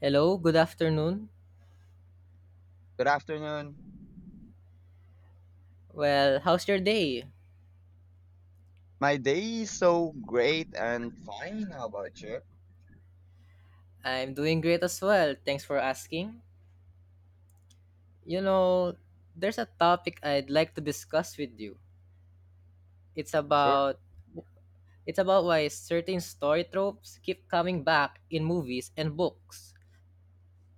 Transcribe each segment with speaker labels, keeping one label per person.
Speaker 1: Hello, good afternoon.
Speaker 2: Good afternoon.
Speaker 1: Well, how's your day?
Speaker 2: My day is so great and fine. How about you?
Speaker 1: I'm doing great as well. Thanks for asking. You know, there's a topic I'd like to discuss with you. It's
Speaker 2: Sure.
Speaker 1: about it's about why certain story tropes keep coming back in movies and books.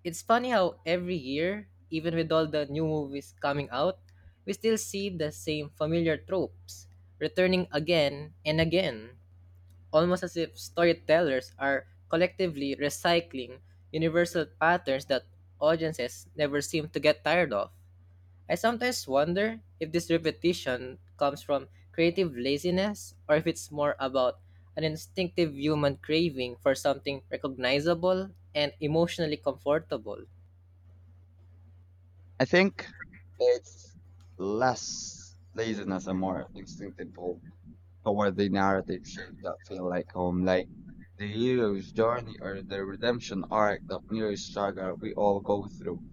Speaker 1: It's funny how every year, even with all the new movies coming out, we still see the same familiar tropes returning again and again, almost as if storytellers are collectively recycling universal patterns that audiences never seem to get tired of. I sometimes wonder if this repetition comes from creative laziness or if it's more about an instinctive human craving for something recognizable and emotionally comfortable.
Speaker 2: I think it's less laziness and more instinctive pull toward the narrative shape that feel like home, like the hero's journey or the redemption arc, the mirror struggle we all go through.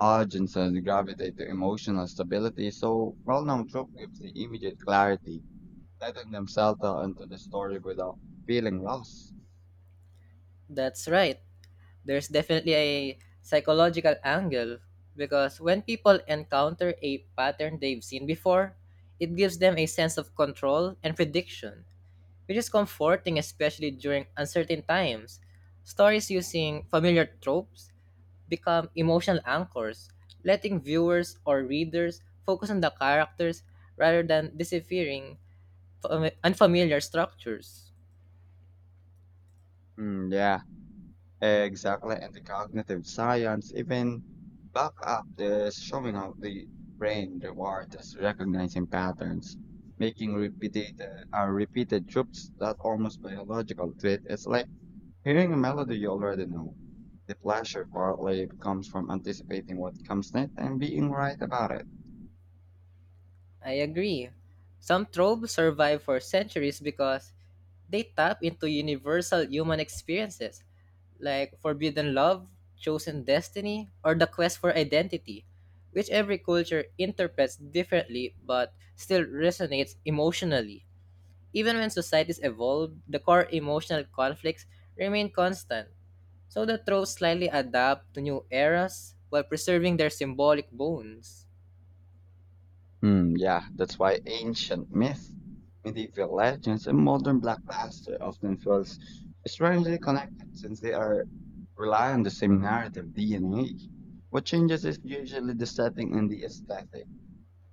Speaker 2: Audiences gravitate to emotional stability, so well-known trope gives the immediate clarity, letting them settle into the story without feeling lost.
Speaker 1: That's right. There's definitely a psychological angle because when people encounter a pattern they've seen before, it gives them a sense of control and prediction, which is comforting especially during uncertain times. Stories using familiar tropes become emotional anchors, letting viewers or readers focus on the characters rather than deciphering unfamiliar structures.
Speaker 2: Yeah, exactly, and the cognitive science even back up this showing how the brain reward is recognizing patterns, making repeated repeated trips that almost biological treat. It's like hearing a melody you already know. The pleasure partly comes from anticipating what comes next and being right about it.
Speaker 1: I agree. Some tropes survive for centuries because they tap into universal human experiences, like forbidden love, chosen destiny, or the quest for identity, which every culture interprets differently but still resonates emotionally. Even when societies evolve, the core emotional conflicts remain constant, so the tropes slightly adapt to new eras while preserving their symbolic bones.
Speaker 2: Yeah, that's why ancient myth, medieval legends, and modern blockbuster often feels strangely connected since they are rely on the same narrative DNA. What changes is usually the setting and the aesthetic,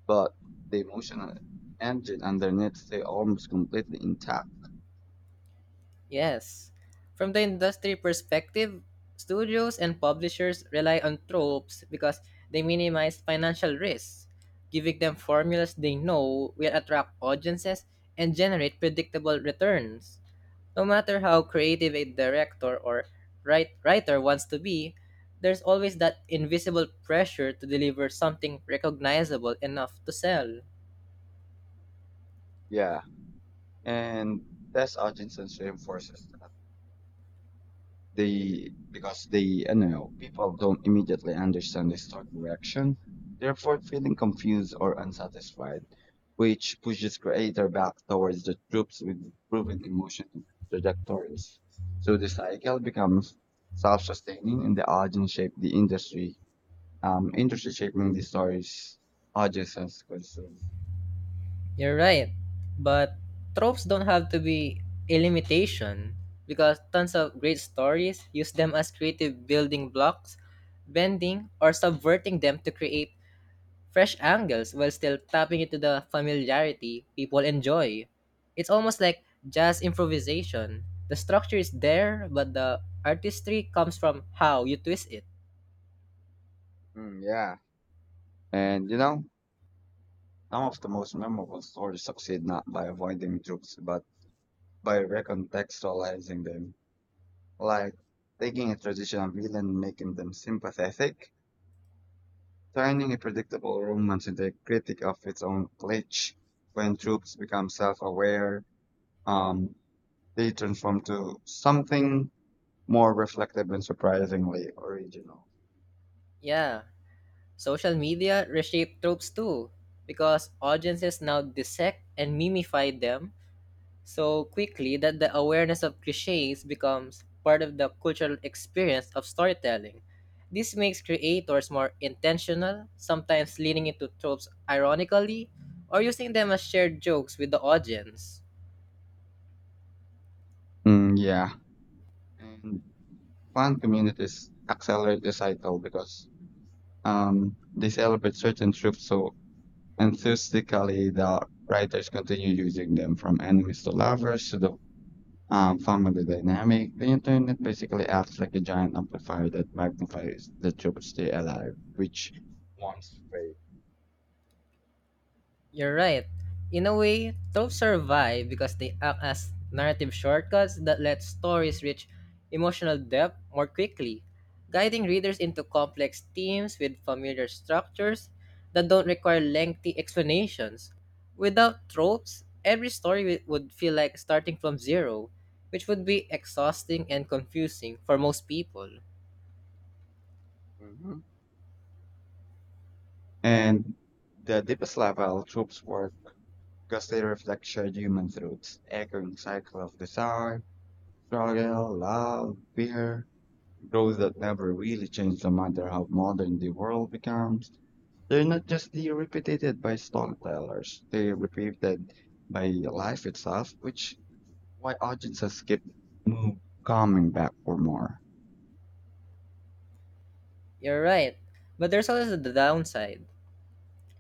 Speaker 2: but the emotional engine underneath stay almost completely intact.
Speaker 1: Yes. From the industry perspective, studios and publishers rely on tropes because they minimize financial risks, giving them formulas they know will attract audiences and generate predictable returns. No matter how creative a director or writer wants to be, there's always that invisible pressure to deliver something recognizable enough to sell.
Speaker 2: Yeah, and that's audience and reinforces that. They because they people don't immediately understand the stock direction, therefore feeling confused or unsatisfied, which pushes creator back towards the troops with proven emotional trajectories, so the cycle becomes self-sustaining and the audience shape the industry, industry shaping the stories audiences consume.
Speaker 1: You're right. But tropes don't have to be a limitation because tons of great stories use them as creative building blocks, bending or subverting them to create fresh angles while still tapping into the familiarity people enjoy. It's almost like jazz improvisation. The structure is there, but the artistry comes from how you twist it.
Speaker 2: Mm, yeah. and you know some of the most memorable stories succeed not by avoiding troops but by recontextualizing them, like taking a traditional villain and making them sympathetic, turning a predictable romance into a critic of its own glitch. When troops become self-aware, um, they transform to something more reflective and surprisingly original.
Speaker 1: Yeah, social media reshape tropes too, because audiences now dissect and mimify them so quickly that the awareness of cliches becomes part of the cultural experience of storytelling. This makes creators more intentional, sometimes leaning into tropes ironically or using them as shared jokes with the audience.
Speaker 2: Yeah, and fan communities accelerate the cycle because they celebrate certain troops so enthusiastically, the writers continue using them from enemies to lovers to the family dynamic. The internet basically acts like a giant amplifier that magnifies the truth stay alive, which once faith.
Speaker 1: You're right. In a way, tropes survive because they act as narrative shortcuts that let stories reach emotional depth more quickly, guiding readers into complex themes with familiar structures that don't require lengthy explanations. Without tropes, every story would feel like starting from zero, which would be exhausting and confusing for most people.
Speaker 2: hmm And the deepest level troops work because they reflect shared human truths, echoing cycle of desire, struggle, love, fear, growth that never really changed no matter how modern the world becomes. They're not just the repeated by storytellers, they're repeated by life itself, which why audiences keep move coming back for more.
Speaker 1: You're right, but there's also the downside,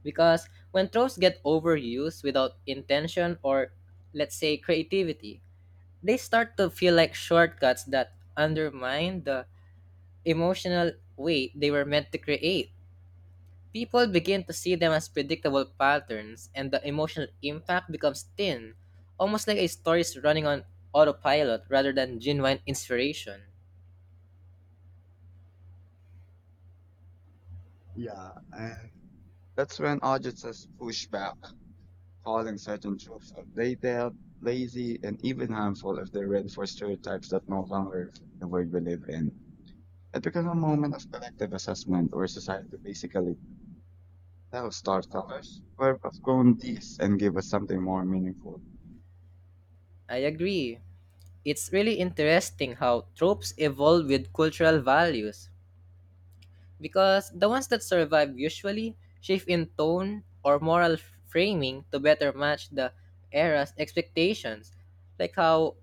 Speaker 1: because when tropes get overused without intention or, let's say, creativity, they start to feel like shortcuts that undermine the emotional weight they were meant to create. People begin to see them as predictable patterns and the emotional impact becomes thin, almost like a story is running on autopilot rather than genuine inspiration.
Speaker 2: Yeah, and that's when audiences push back, calling certain tropes outdated, lazy, and even harmful if they read for stereotypes that no longer reflect the world we live in. It becomes a moment of collective assessment where society basically that now storytellers were outgrown these and give us something more meaningful.
Speaker 1: I agree. It's really interesting how tropes evolve with cultural values because the ones that survive usually shift in tone or moral framing to better match the era's expectations, like how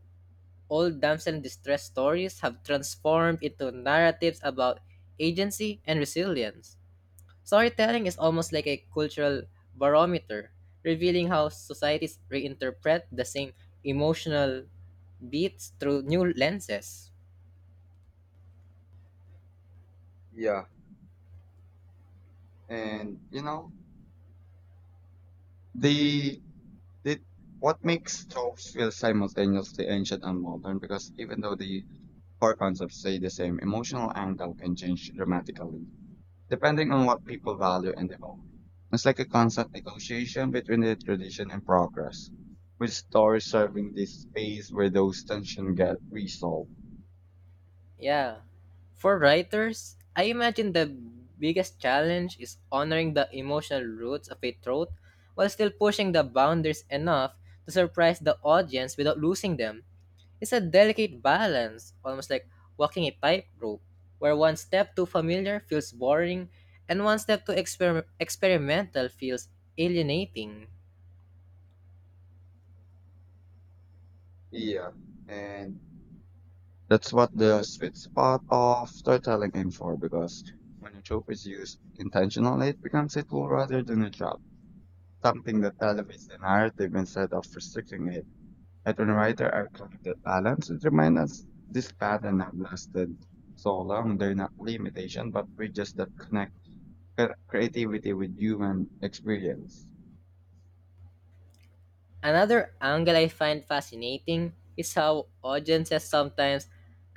Speaker 1: old damsel in distress stories have transformed into narratives about agency and resilience. Storytelling is almost like a cultural barometer, revealing how societies reinterpret the same emotional beats through new lenses.
Speaker 2: Yeah, and you know, they did what makes tropes feel simultaneously ancient and modern because even though the core concepts stay the same, emotional angle can change dramatically depending on what people value and the moment. It's like a constant negotiation between the tradition and progress, with stories serving this space where those tensions get resolved.
Speaker 1: Yeah. For writers, I imagine the biggest challenge is honoring the emotional roots of a trope while still pushing the boundaries enough to surprise the audience without losing them. It's a delicate balance, almost like walking a tightrope, where one step too familiar feels boring and one step too experimental feels alienating.
Speaker 2: Yeah, and that's what the sweet spot of storytelling aims for because when a trope is used intentionally, it becomes a tool rather than a trap, something that elevates the narrative instead of restricting it. And when writers are clear that balance, it reminds us this pattern have lasted so long, they're not limitation, but bridges that connect creativity with human experience.
Speaker 1: Another angle I find fascinating is how audiences sometimes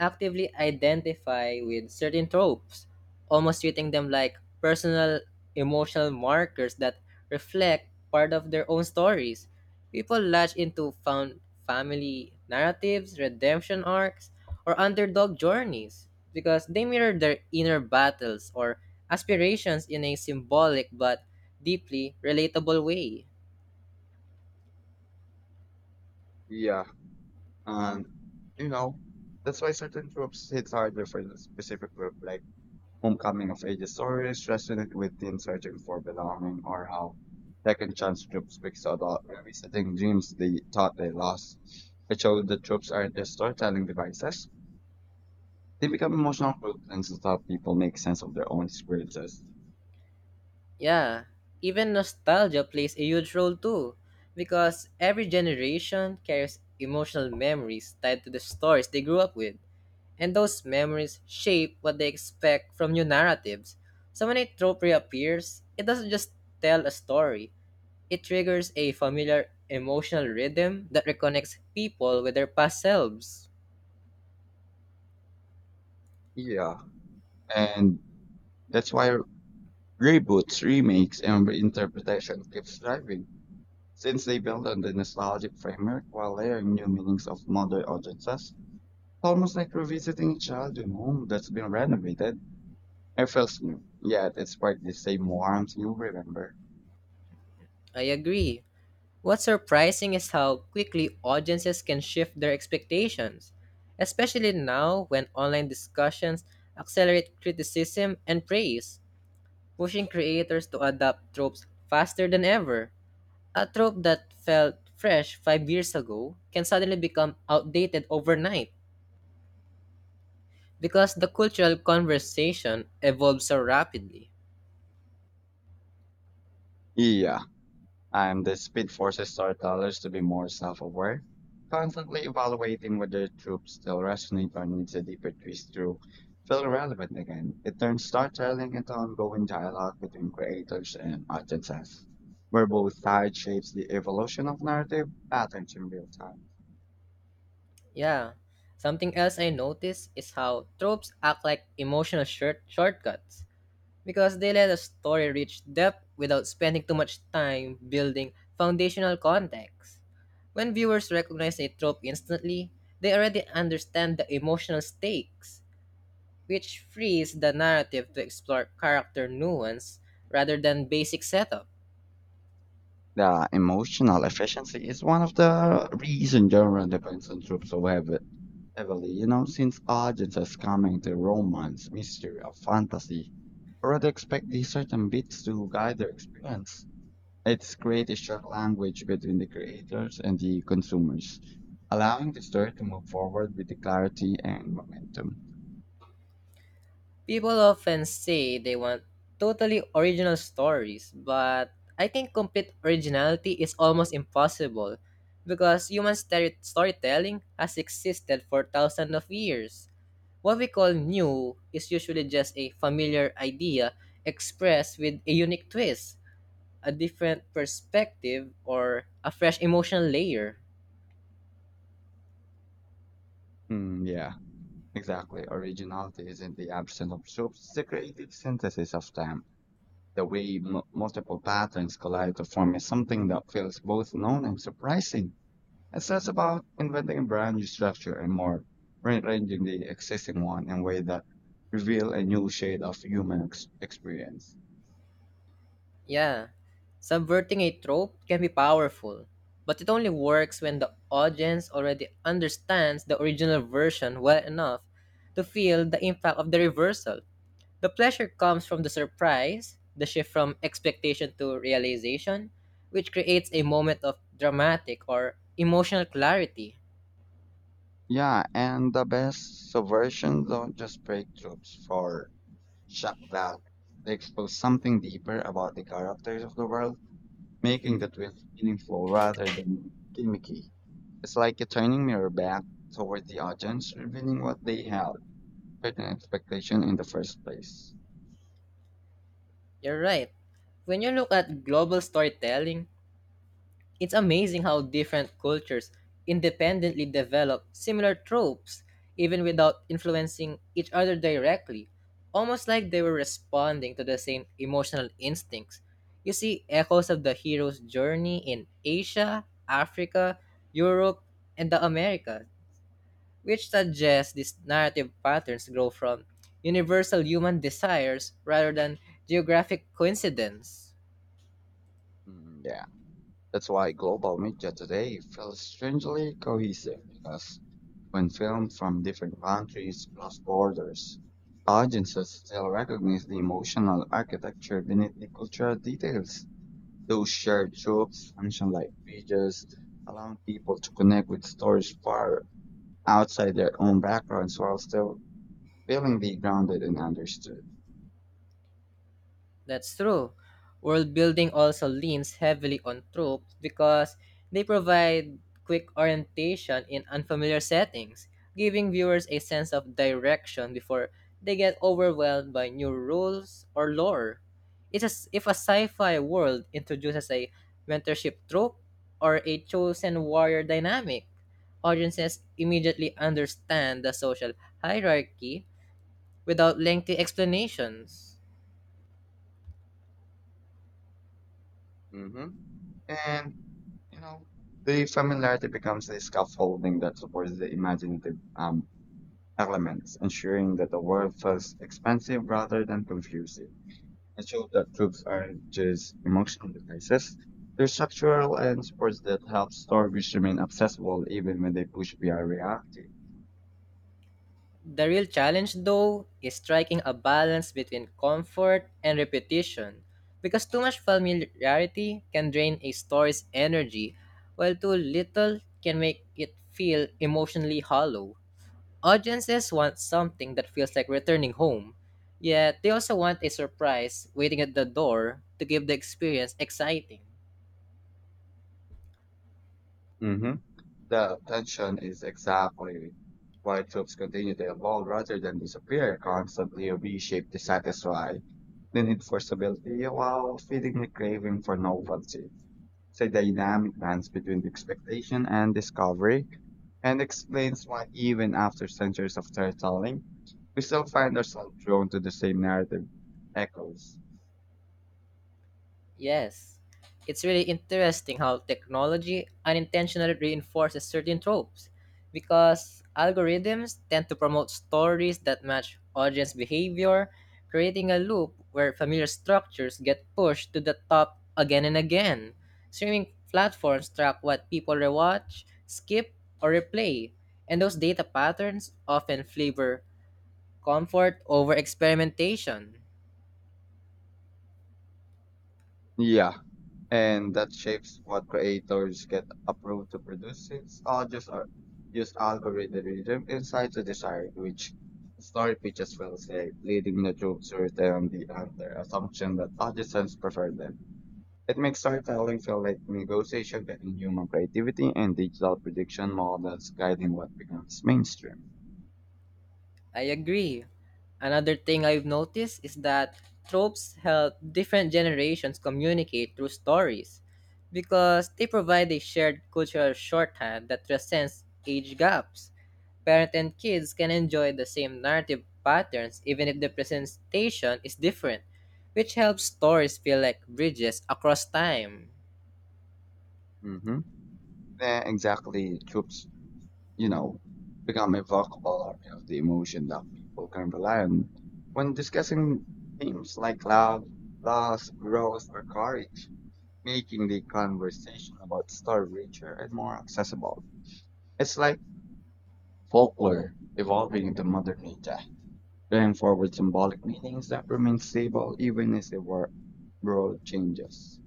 Speaker 1: actively identify with certain tropes, almost treating them like personal emotional markers that reflect part of their own stories. People latch into found family narratives, redemption arcs, or underdog journeys because they mirror their inner battles or aspirations in a symbolic but deeply relatable way.
Speaker 2: Yeah. And, you know, that's why certain tropes hit harder for a specific group, like homecoming of ages stories resonate with teens searching for belonging or how second chance groups speaks to adult revisiting dreams they thought they lost. It showed that tropes aren't just storytelling devices. They become emotional blueprints to help people make sense of their own experiences.
Speaker 1: Yeah, even nostalgia plays a huge role too, because every generation carries emotional memories tied to the stories they grew up with, and those memories shape what they expect from new narratives. So when a trope reappears, it doesn't just tell a story, it triggers a familiar emotional rhythm that reconnects people with their past selves.
Speaker 2: Yeah. And that's why reboots, remakes, and reinterpretation keeps thriving, since they build on the nostalgic framework while layering new meanings of modern audiences. Almost like revisiting a childhood home that's been renovated. It feels new, yet it's sparked the same warmth you remember.
Speaker 1: I agree. What's surprising is how quickly audiences can shift their expectations, especially now when online discussions accelerate criticism and praise, pushing creators to adapt tropes faster than ever. A trope that felt fresh 5 years ago can suddenly become outdated overnight because the cultural conversation evolves so rapidly.
Speaker 2: Yeah, and the speed forces storytellers to be more self-aware, constantly evaluating whether troops still resonate or needs a deeper twist to feel relevant again. It turns storytelling into ongoing dialogue between creators and audiences, where both sides shapes the evolution of narrative patterns in real time.
Speaker 1: Yeah. Something else I noticed is how tropes act like emotional shortcuts because they let a story reach depth without spending too much time building foundational context. When viewers recognize a trope instantly, they already understand the emotional stakes, which frees the narrative to explore character nuance rather than basic setup.
Speaker 2: The emotional efficiency is one of the reasons genre depends on troops who have heavily, since audience has come into romance, mystery, or fantasy, I rather expect these certain beats to guide their experience. It's create a shared language between the creators and the consumers, allowing the story to move forward with the clarity and momentum.
Speaker 1: People often say they want totally original stories, but I think complete originality is almost impossible because human storytelling has existed for thousands of years. What we call new is usually just a familiar idea expressed with a unique twist, a different perspective, or a fresh emotional layer.
Speaker 2: Yeah, exactly. Originality is in the absence of tropes. It's the creative synthesis of them. The way multiple patterns collide to form is something that feels both known and surprising. It's less about inventing a brand new structure and more rearranging the existing one in ways that reveal a new shade of human experience.
Speaker 1: Yeah, subverting a trope can be powerful, but it only works when the audience already understands the original version well enough to feel the impact of the reversal. The pleasure comes from the surprise, the shift from expectation to realization, which creates a moment of dramatic or emotional clarity.
Speaker 2: Yeah, and the best subversions don't just break tropes for shock value. They expose something deeper about the characters of the world, making the twist meaningful rather than gimmicky. It's like a turning mirror back toward the audience, revealing what they held certain expectation in the first place.
Speaker 1: You're right. When you look at global storytelling, it's amazing how different cultures independently develop similar tropes, even without influencing each other directly, almost like they were responding to the same emotional instincts. You see echoes of the hero's journey in Asia, Africa, Europe, and the Americas, which suggests these narrative patterns grow from universal human desires rather than geographic coincidence.
Speaker 2: Yeah, that's why global media today feels strangely cohesive because when filmed from different countries cross borders, audiences still recognize the emotional architecture beneath the cultural details. Those shared tropes, ancient like bridges, allowing people to connect with stories far outside their own backgrounds while still feeling the grounded and understood.
Speaker 1: That's true. World building also leans heavily on tropes because they provide quick orientation in unfamiliar settings, giving viewers a sense of direction before they get overwhelmed by new rules or lore. It's as if a sci-fi world introduces a mentorship trope or a chosen warrior dynamic. Audiences immediately understand the social hierarchy without lengthy explanations.
Speaker 2: hmm And, You know, the familiarity becomes the scaffolding that supports the imaginative elements, ensuring that the world feels expansive rather than confusing. It shows that truths aren't just emotional devices. They're structural and supports that help stories remain accessible even when they push beyond reality.
Speaker 1: The real challenge, though, is striking a balance between comfort and repetition, because too much familiarity can drain a story's energy, while too little can make it feel emotionally hollow. Audiences want something that feels like returning home, yet they also want a surprise waiting at the door to give the experience exciting.
Speaker 2: hmm The tension is exactly why troops continue to evolve rather than disappear, constantly reshaped to satisfy the need for stability while feeding the craving for novelty. It's a dynamic dance between expectation and discovery and explains why even after centuries of storytelling, we still find ourselves drawn to the same narrative echoes.
Speaker 1: Yes, it's really interesting how technology unintentionally reinforces certain tropes because algorithms tend to promote stories that match audience behavior, creating a loop where familiar structures get pushed to the top again and again. Streaming platforms track what people rewatch, skip, or replay, and those data patterns often favor comfort over experimentation.
Speaker 2: Yeah. And that shapes what creators get approved to produce since all just are use algorithm insight to decide which story pitches will say, leading the troops to return the under assumption that audiences prefer them. It makes storytelling feel like negotiation between human creativity and digital prediction models guiding what becomes mainstream.
Speaker 1: I agree. Another thing I've noticed is that tropes help different generations communicate through stories because they provide a shared cultural shorthand that transcends age gaps. Parent and kids can enjoy the same narrative patterns even if the presentation is different, which helps stories feel like bridges across time.
Speaker 2: Mm-hmm. Yeah, exactly. Troops, you know, become evocative of the emotion that people can rely on when discussing themes like love, loss, growth, or courage, making the conversation about story richer and more accessible. It's like folklore evolving into modern media, carrying forward symbolic meanings that remain stable even as the world changes.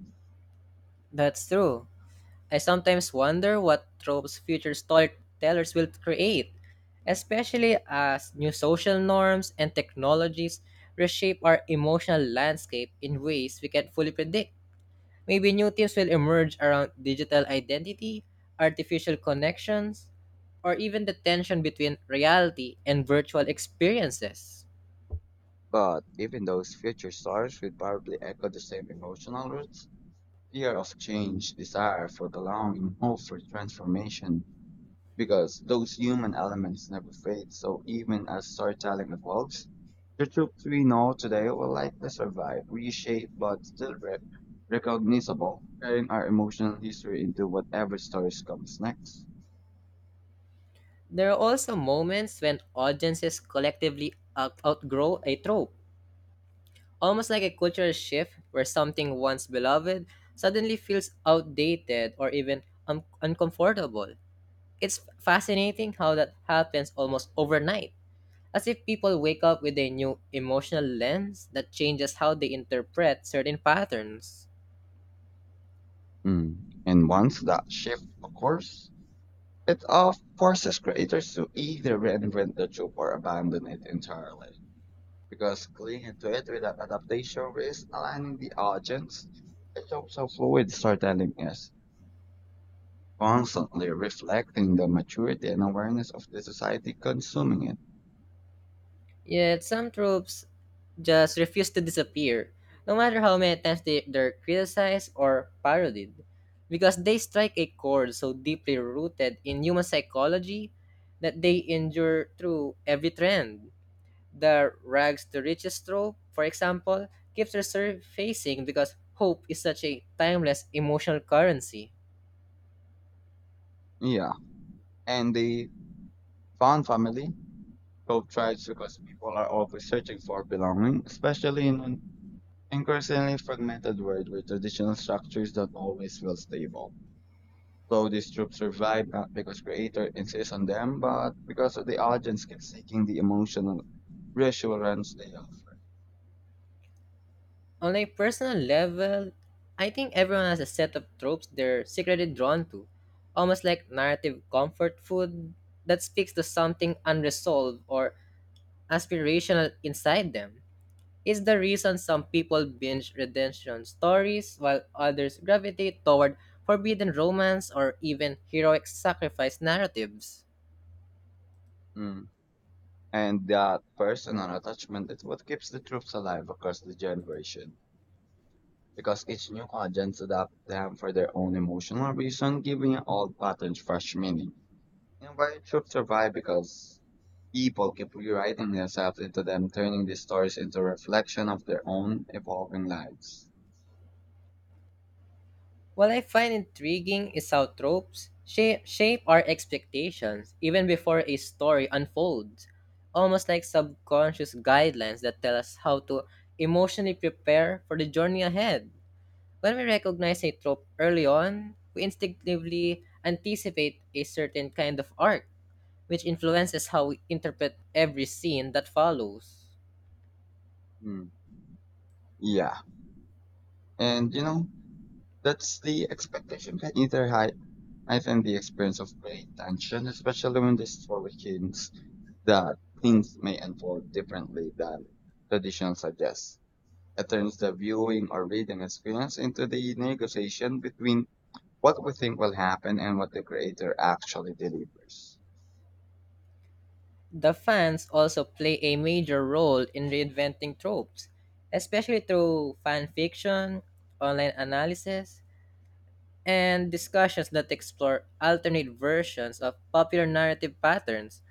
Speaker 1: That's true. I sometimes wonder what tropes future storytellers will create, especially as new social norms and technologies reshape our emotional landscape in ways we can't fully predict. Maybe new themes will emerge around digital identity, artificial connections, or even the tension between reality and virtual experiences.
Speaker 2: But even those future stars would probably echo the same emotional roots, fear of change, desire for the longing, hope for transformation, because those human elements never fade. So even as storytelling evolves, the truths we know today will likely survive, reshaped but still recognizable, carrying our emotional history into whatever stories comes next.
Speaker 1: There are also moments when audiences collectively outgrow a trope, almost like a cultural shift where something once beloved suddenly feels outdated or even uncomfortable. It's fascinating how that happens almost overnight, as if people wake up with a new emotional lens that changes how they interpret certain patterns.
Speaker 2: Mm. And once that shift occurs, it forces creators to either reinvent the trope or abandon it entirely, because clinging to it without adaptation risks aligning the audience. The jobs of fluid storytelling is constantly reflecting the maturity and awareness of the society consuming it.
Speaker 1: Yet some tropes just refuse to disappear, no matter how many times they're criticized or parodied, because they strike a chord so deeply rooted in human psychology that they endure through every trend. The rags to riches trope, for example, keeps resurfacing because hope is such a timeless emotional currency.
Speaker 2: Yeah. And the found family co thrives because people are always searching for belonging, especially in an increasingly fragmented world where traditional structures don't always feel stable. So these tropes survive not because creator insists on them, but because the audience keeps seeking the emotional reassurance they offer.
Speaker 1: On a personal level, I think everyone has a set of tropes they're secretly drawn to, almost like narrative comfort food that speaks to something unresolved or aspirational inside them. It's the reason some people binge redemption stories while others gravitate toward forbidden romance or even heroic sacrifice narratives.
Speaker 2: Mm. And that personal attachment is what keeps the tropes alive across the generation, because each new audience adapts them for their own emotional reason, giving old patterns fresh meaning. And why tropes survive because people keep rewriting themselves into them, turning these stories into reflection of their own evolving lives.
Speaker 1: What I find intriguing is how tropes shape our expectations even before a story unfolds, almost like subconscious guidelines that tell us how to emotionally prepare for the journey ahead. When we recognize a trope early on, we instinctively anticipate a certain kind of arc, which influences how we interpret every scene that follows.
Speaker 2: Mm. Yeah. And that's the expectation can either heighten the experience of great tension, especially when the story hints that things may unfold differently than traditional suggests. It turns the viewing or reading experience into the negotiation between what we think will happen and what the creator actually delivers.
Speaker 1: The fans also play a major role in reinventing tropes, especially through fan fiction, online analysis, and discussions that explore alternate versions of popular narrative patterns.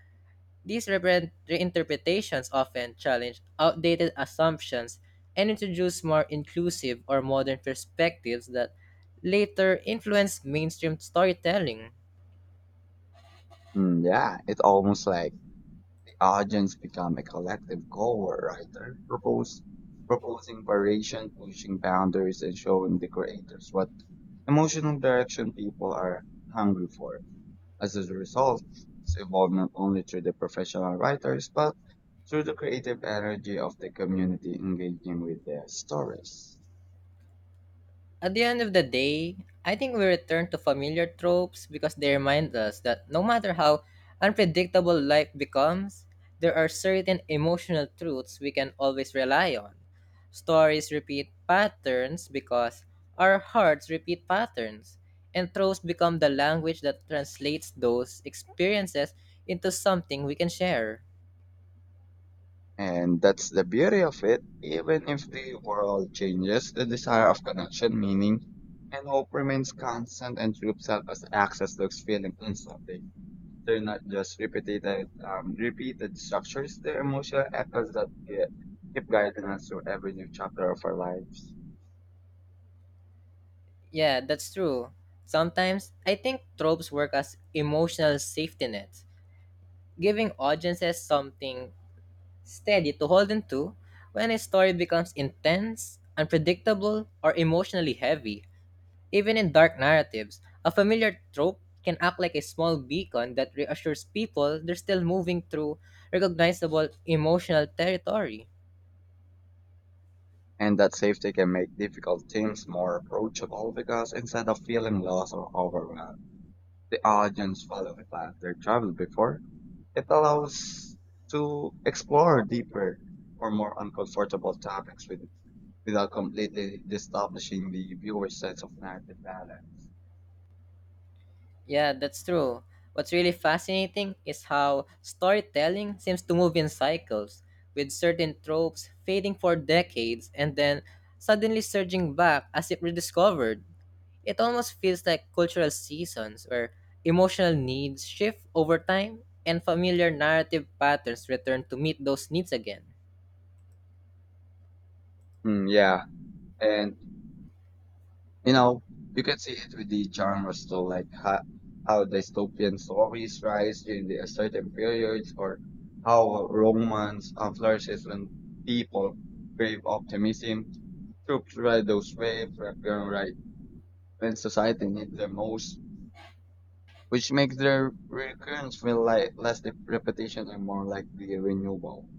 Speaker 1: These reinterpretations often challenge outdated assumptions and introduce more inclusive or modern perspectives that later influence mainstream storytelling.
Speaker 2: Yeah, it's almost like the audience become a collective co-writer, proposing variation, pushing boundaries, and showing the creators what emotional direction people are hungry for. As a result, it's evolved not only through the professional writers, but through the creative energy of the community engaging with their stories.
Speaker 1: At the end of the day, I think we return to familiar tropes because they remind us that no matter how unpredictable life becomes, there are certain emotional truths we can always rely on. Stories repeat patterns because our hearts repeat patterns, and tropes become the language that translates those experiences into something we can share.
Speaker 2: And that's the beauty of it. Even if the world changes, the desire of connection, meaning, and hope remains constant and true self as access looks feeling instantly. They're not just repeated, repeated structures. They're emotional echoes that keep guiding us through every new chapter of our lives.
Speaker 1: Yeah, that's true. Sometimes I think tropes work as emotional safety nets, giving audiences something steady to hold into when a story becomes intense, unpredictable, or emotionally heavy. Even in dark narratives, a familiar trope can act like a small beacon that reassures people they're still moving through recognizable emotional territory.
Speaker 2: And that safety can make difficult themes more approachable because instead of feeling lost or overwhelmed, the audience follows a path they traveled before. It allows to explore deeper or more uncomfortable topics without completely establishing the viewer's sense of narrative balance.
Speaker 1: Yeah, that's true. What's really fascinating is how storytelling seems to move in cycles, with certain tropes fading for decades and then suddenly surging back as if rediscovered. It almost feels like cultural seasons where emotional needs shift over time and familiar narrative patterns return to meet those needs again.
Speaker 2: Mm, yeah, and You know, you can see it with the genres though, like how dystopian stories rise during the certain periods, or how romance flourishes when people crave optimism. Troops ride those waves, reappear right when society needs them most, which makes their recurrence feel like less the repetition and more like the renewal.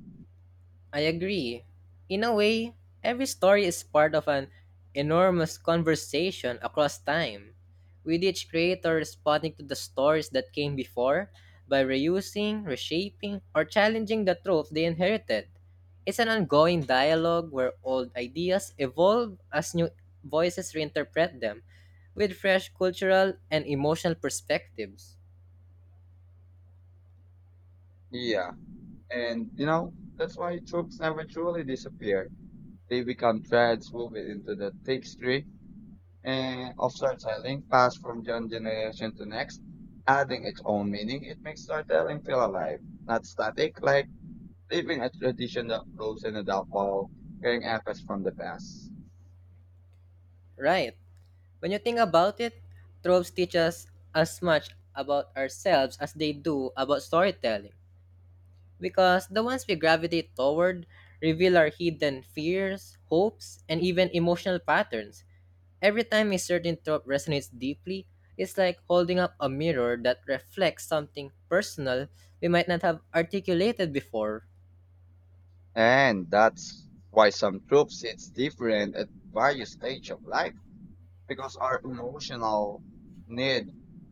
Speaker 1: I agree. In a way, every story is part of an enormous conversation across time, with each creator responding to the stories that came before by reusing, reshaping, or challenging the truth they inherited. It's an ongoing dialogue where old ideas evolve as new voices reinterpret them with fresh cultural and emotional perspectives.
Speaker 2: Yeah, that's why troops never truly disappear. They become threads woven into the tapestry and of storytelling passed from one generation to next, adding its own meaning. It makes storytelling feel alive, not static, like living a tradition that grows in a dark while carrying echoes from the past.
Speaker 1: Right. When you think about it, tropes teach us as much about ourselves as they do about storytelling, because the ones we gravitate toward reveal our hidden fears, hopes, and even emotional patterns. Every time a certain trope resonates deeply, it's like holding up a mirror that reflects something personal we might not have articulated before.
Speaker 2: And that's why some troops it's different at various stage of life because our emotional need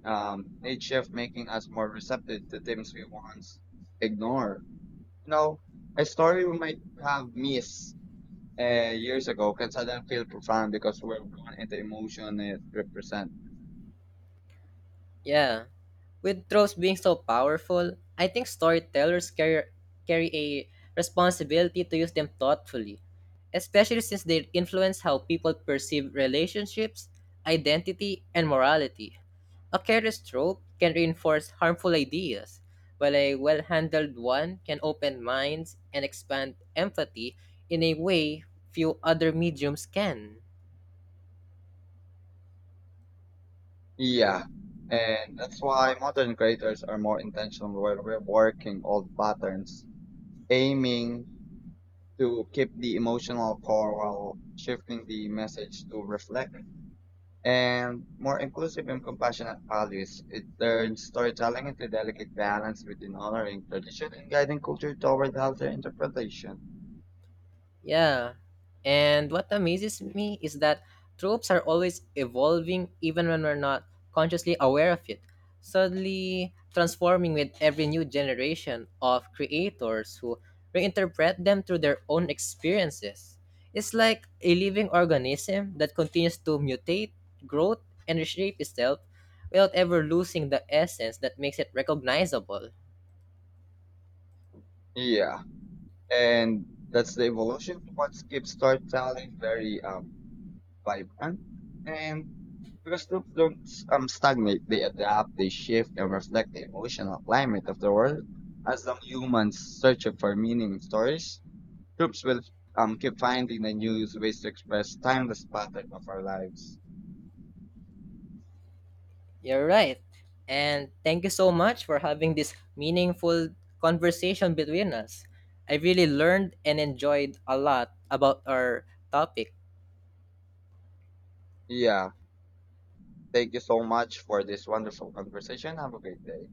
Speaker 2: need shift, making us more receptive to things we once ignore. You know, a story we might have missed years ago because I didn't feel profound because we're born into emotion it represents.
Speaker 1: Yeah. With trolls being so powerful, I think storytellers carry a responsibility to use them thoughtfully, especially since they influence how people perceive relationships, identity, and morality. A careless trope can reinforce harmful ideas, while a well handled one can open minds and expand empathy in a way few other mediums can.
Speaker 2: Yeah. And that's why modern creators are more intentional where we're working old patterns, aiming to keep the emotional core while shifting the message to reflect and more inclusive and compassionate values. It turns storytelling into delicate balance between honoring tradition and guiding culture toward healthier interpretation.
Speaker 1: Yeah. And what amazes me is that tropes are always evolving even when we're not consciously aware of it, suddenly transforming with every new generation of creators who reinterpret them through their own experiences. It's like a living organism that continues to mutate, grow, and reshape itself without ever losing the essence that makes it recognizable.
Speaker 2: Yeah. And that's the evolution of what keeps storytelling very vibrant. And because groups don't stagnate, they adapt, they shift, and reflect the emotional climate of the world. As long humans searching for meaning in stories, groups will keep finding the new ways to express timeless pattern of our lives.
Speaker 1: You're right. And thank you so much for having this meaningful conversation between us. I really learned and enjoyed a lot about our topic.
Speaker 2: Yeah, thank you so much for this wonderful conversation. Have a great day.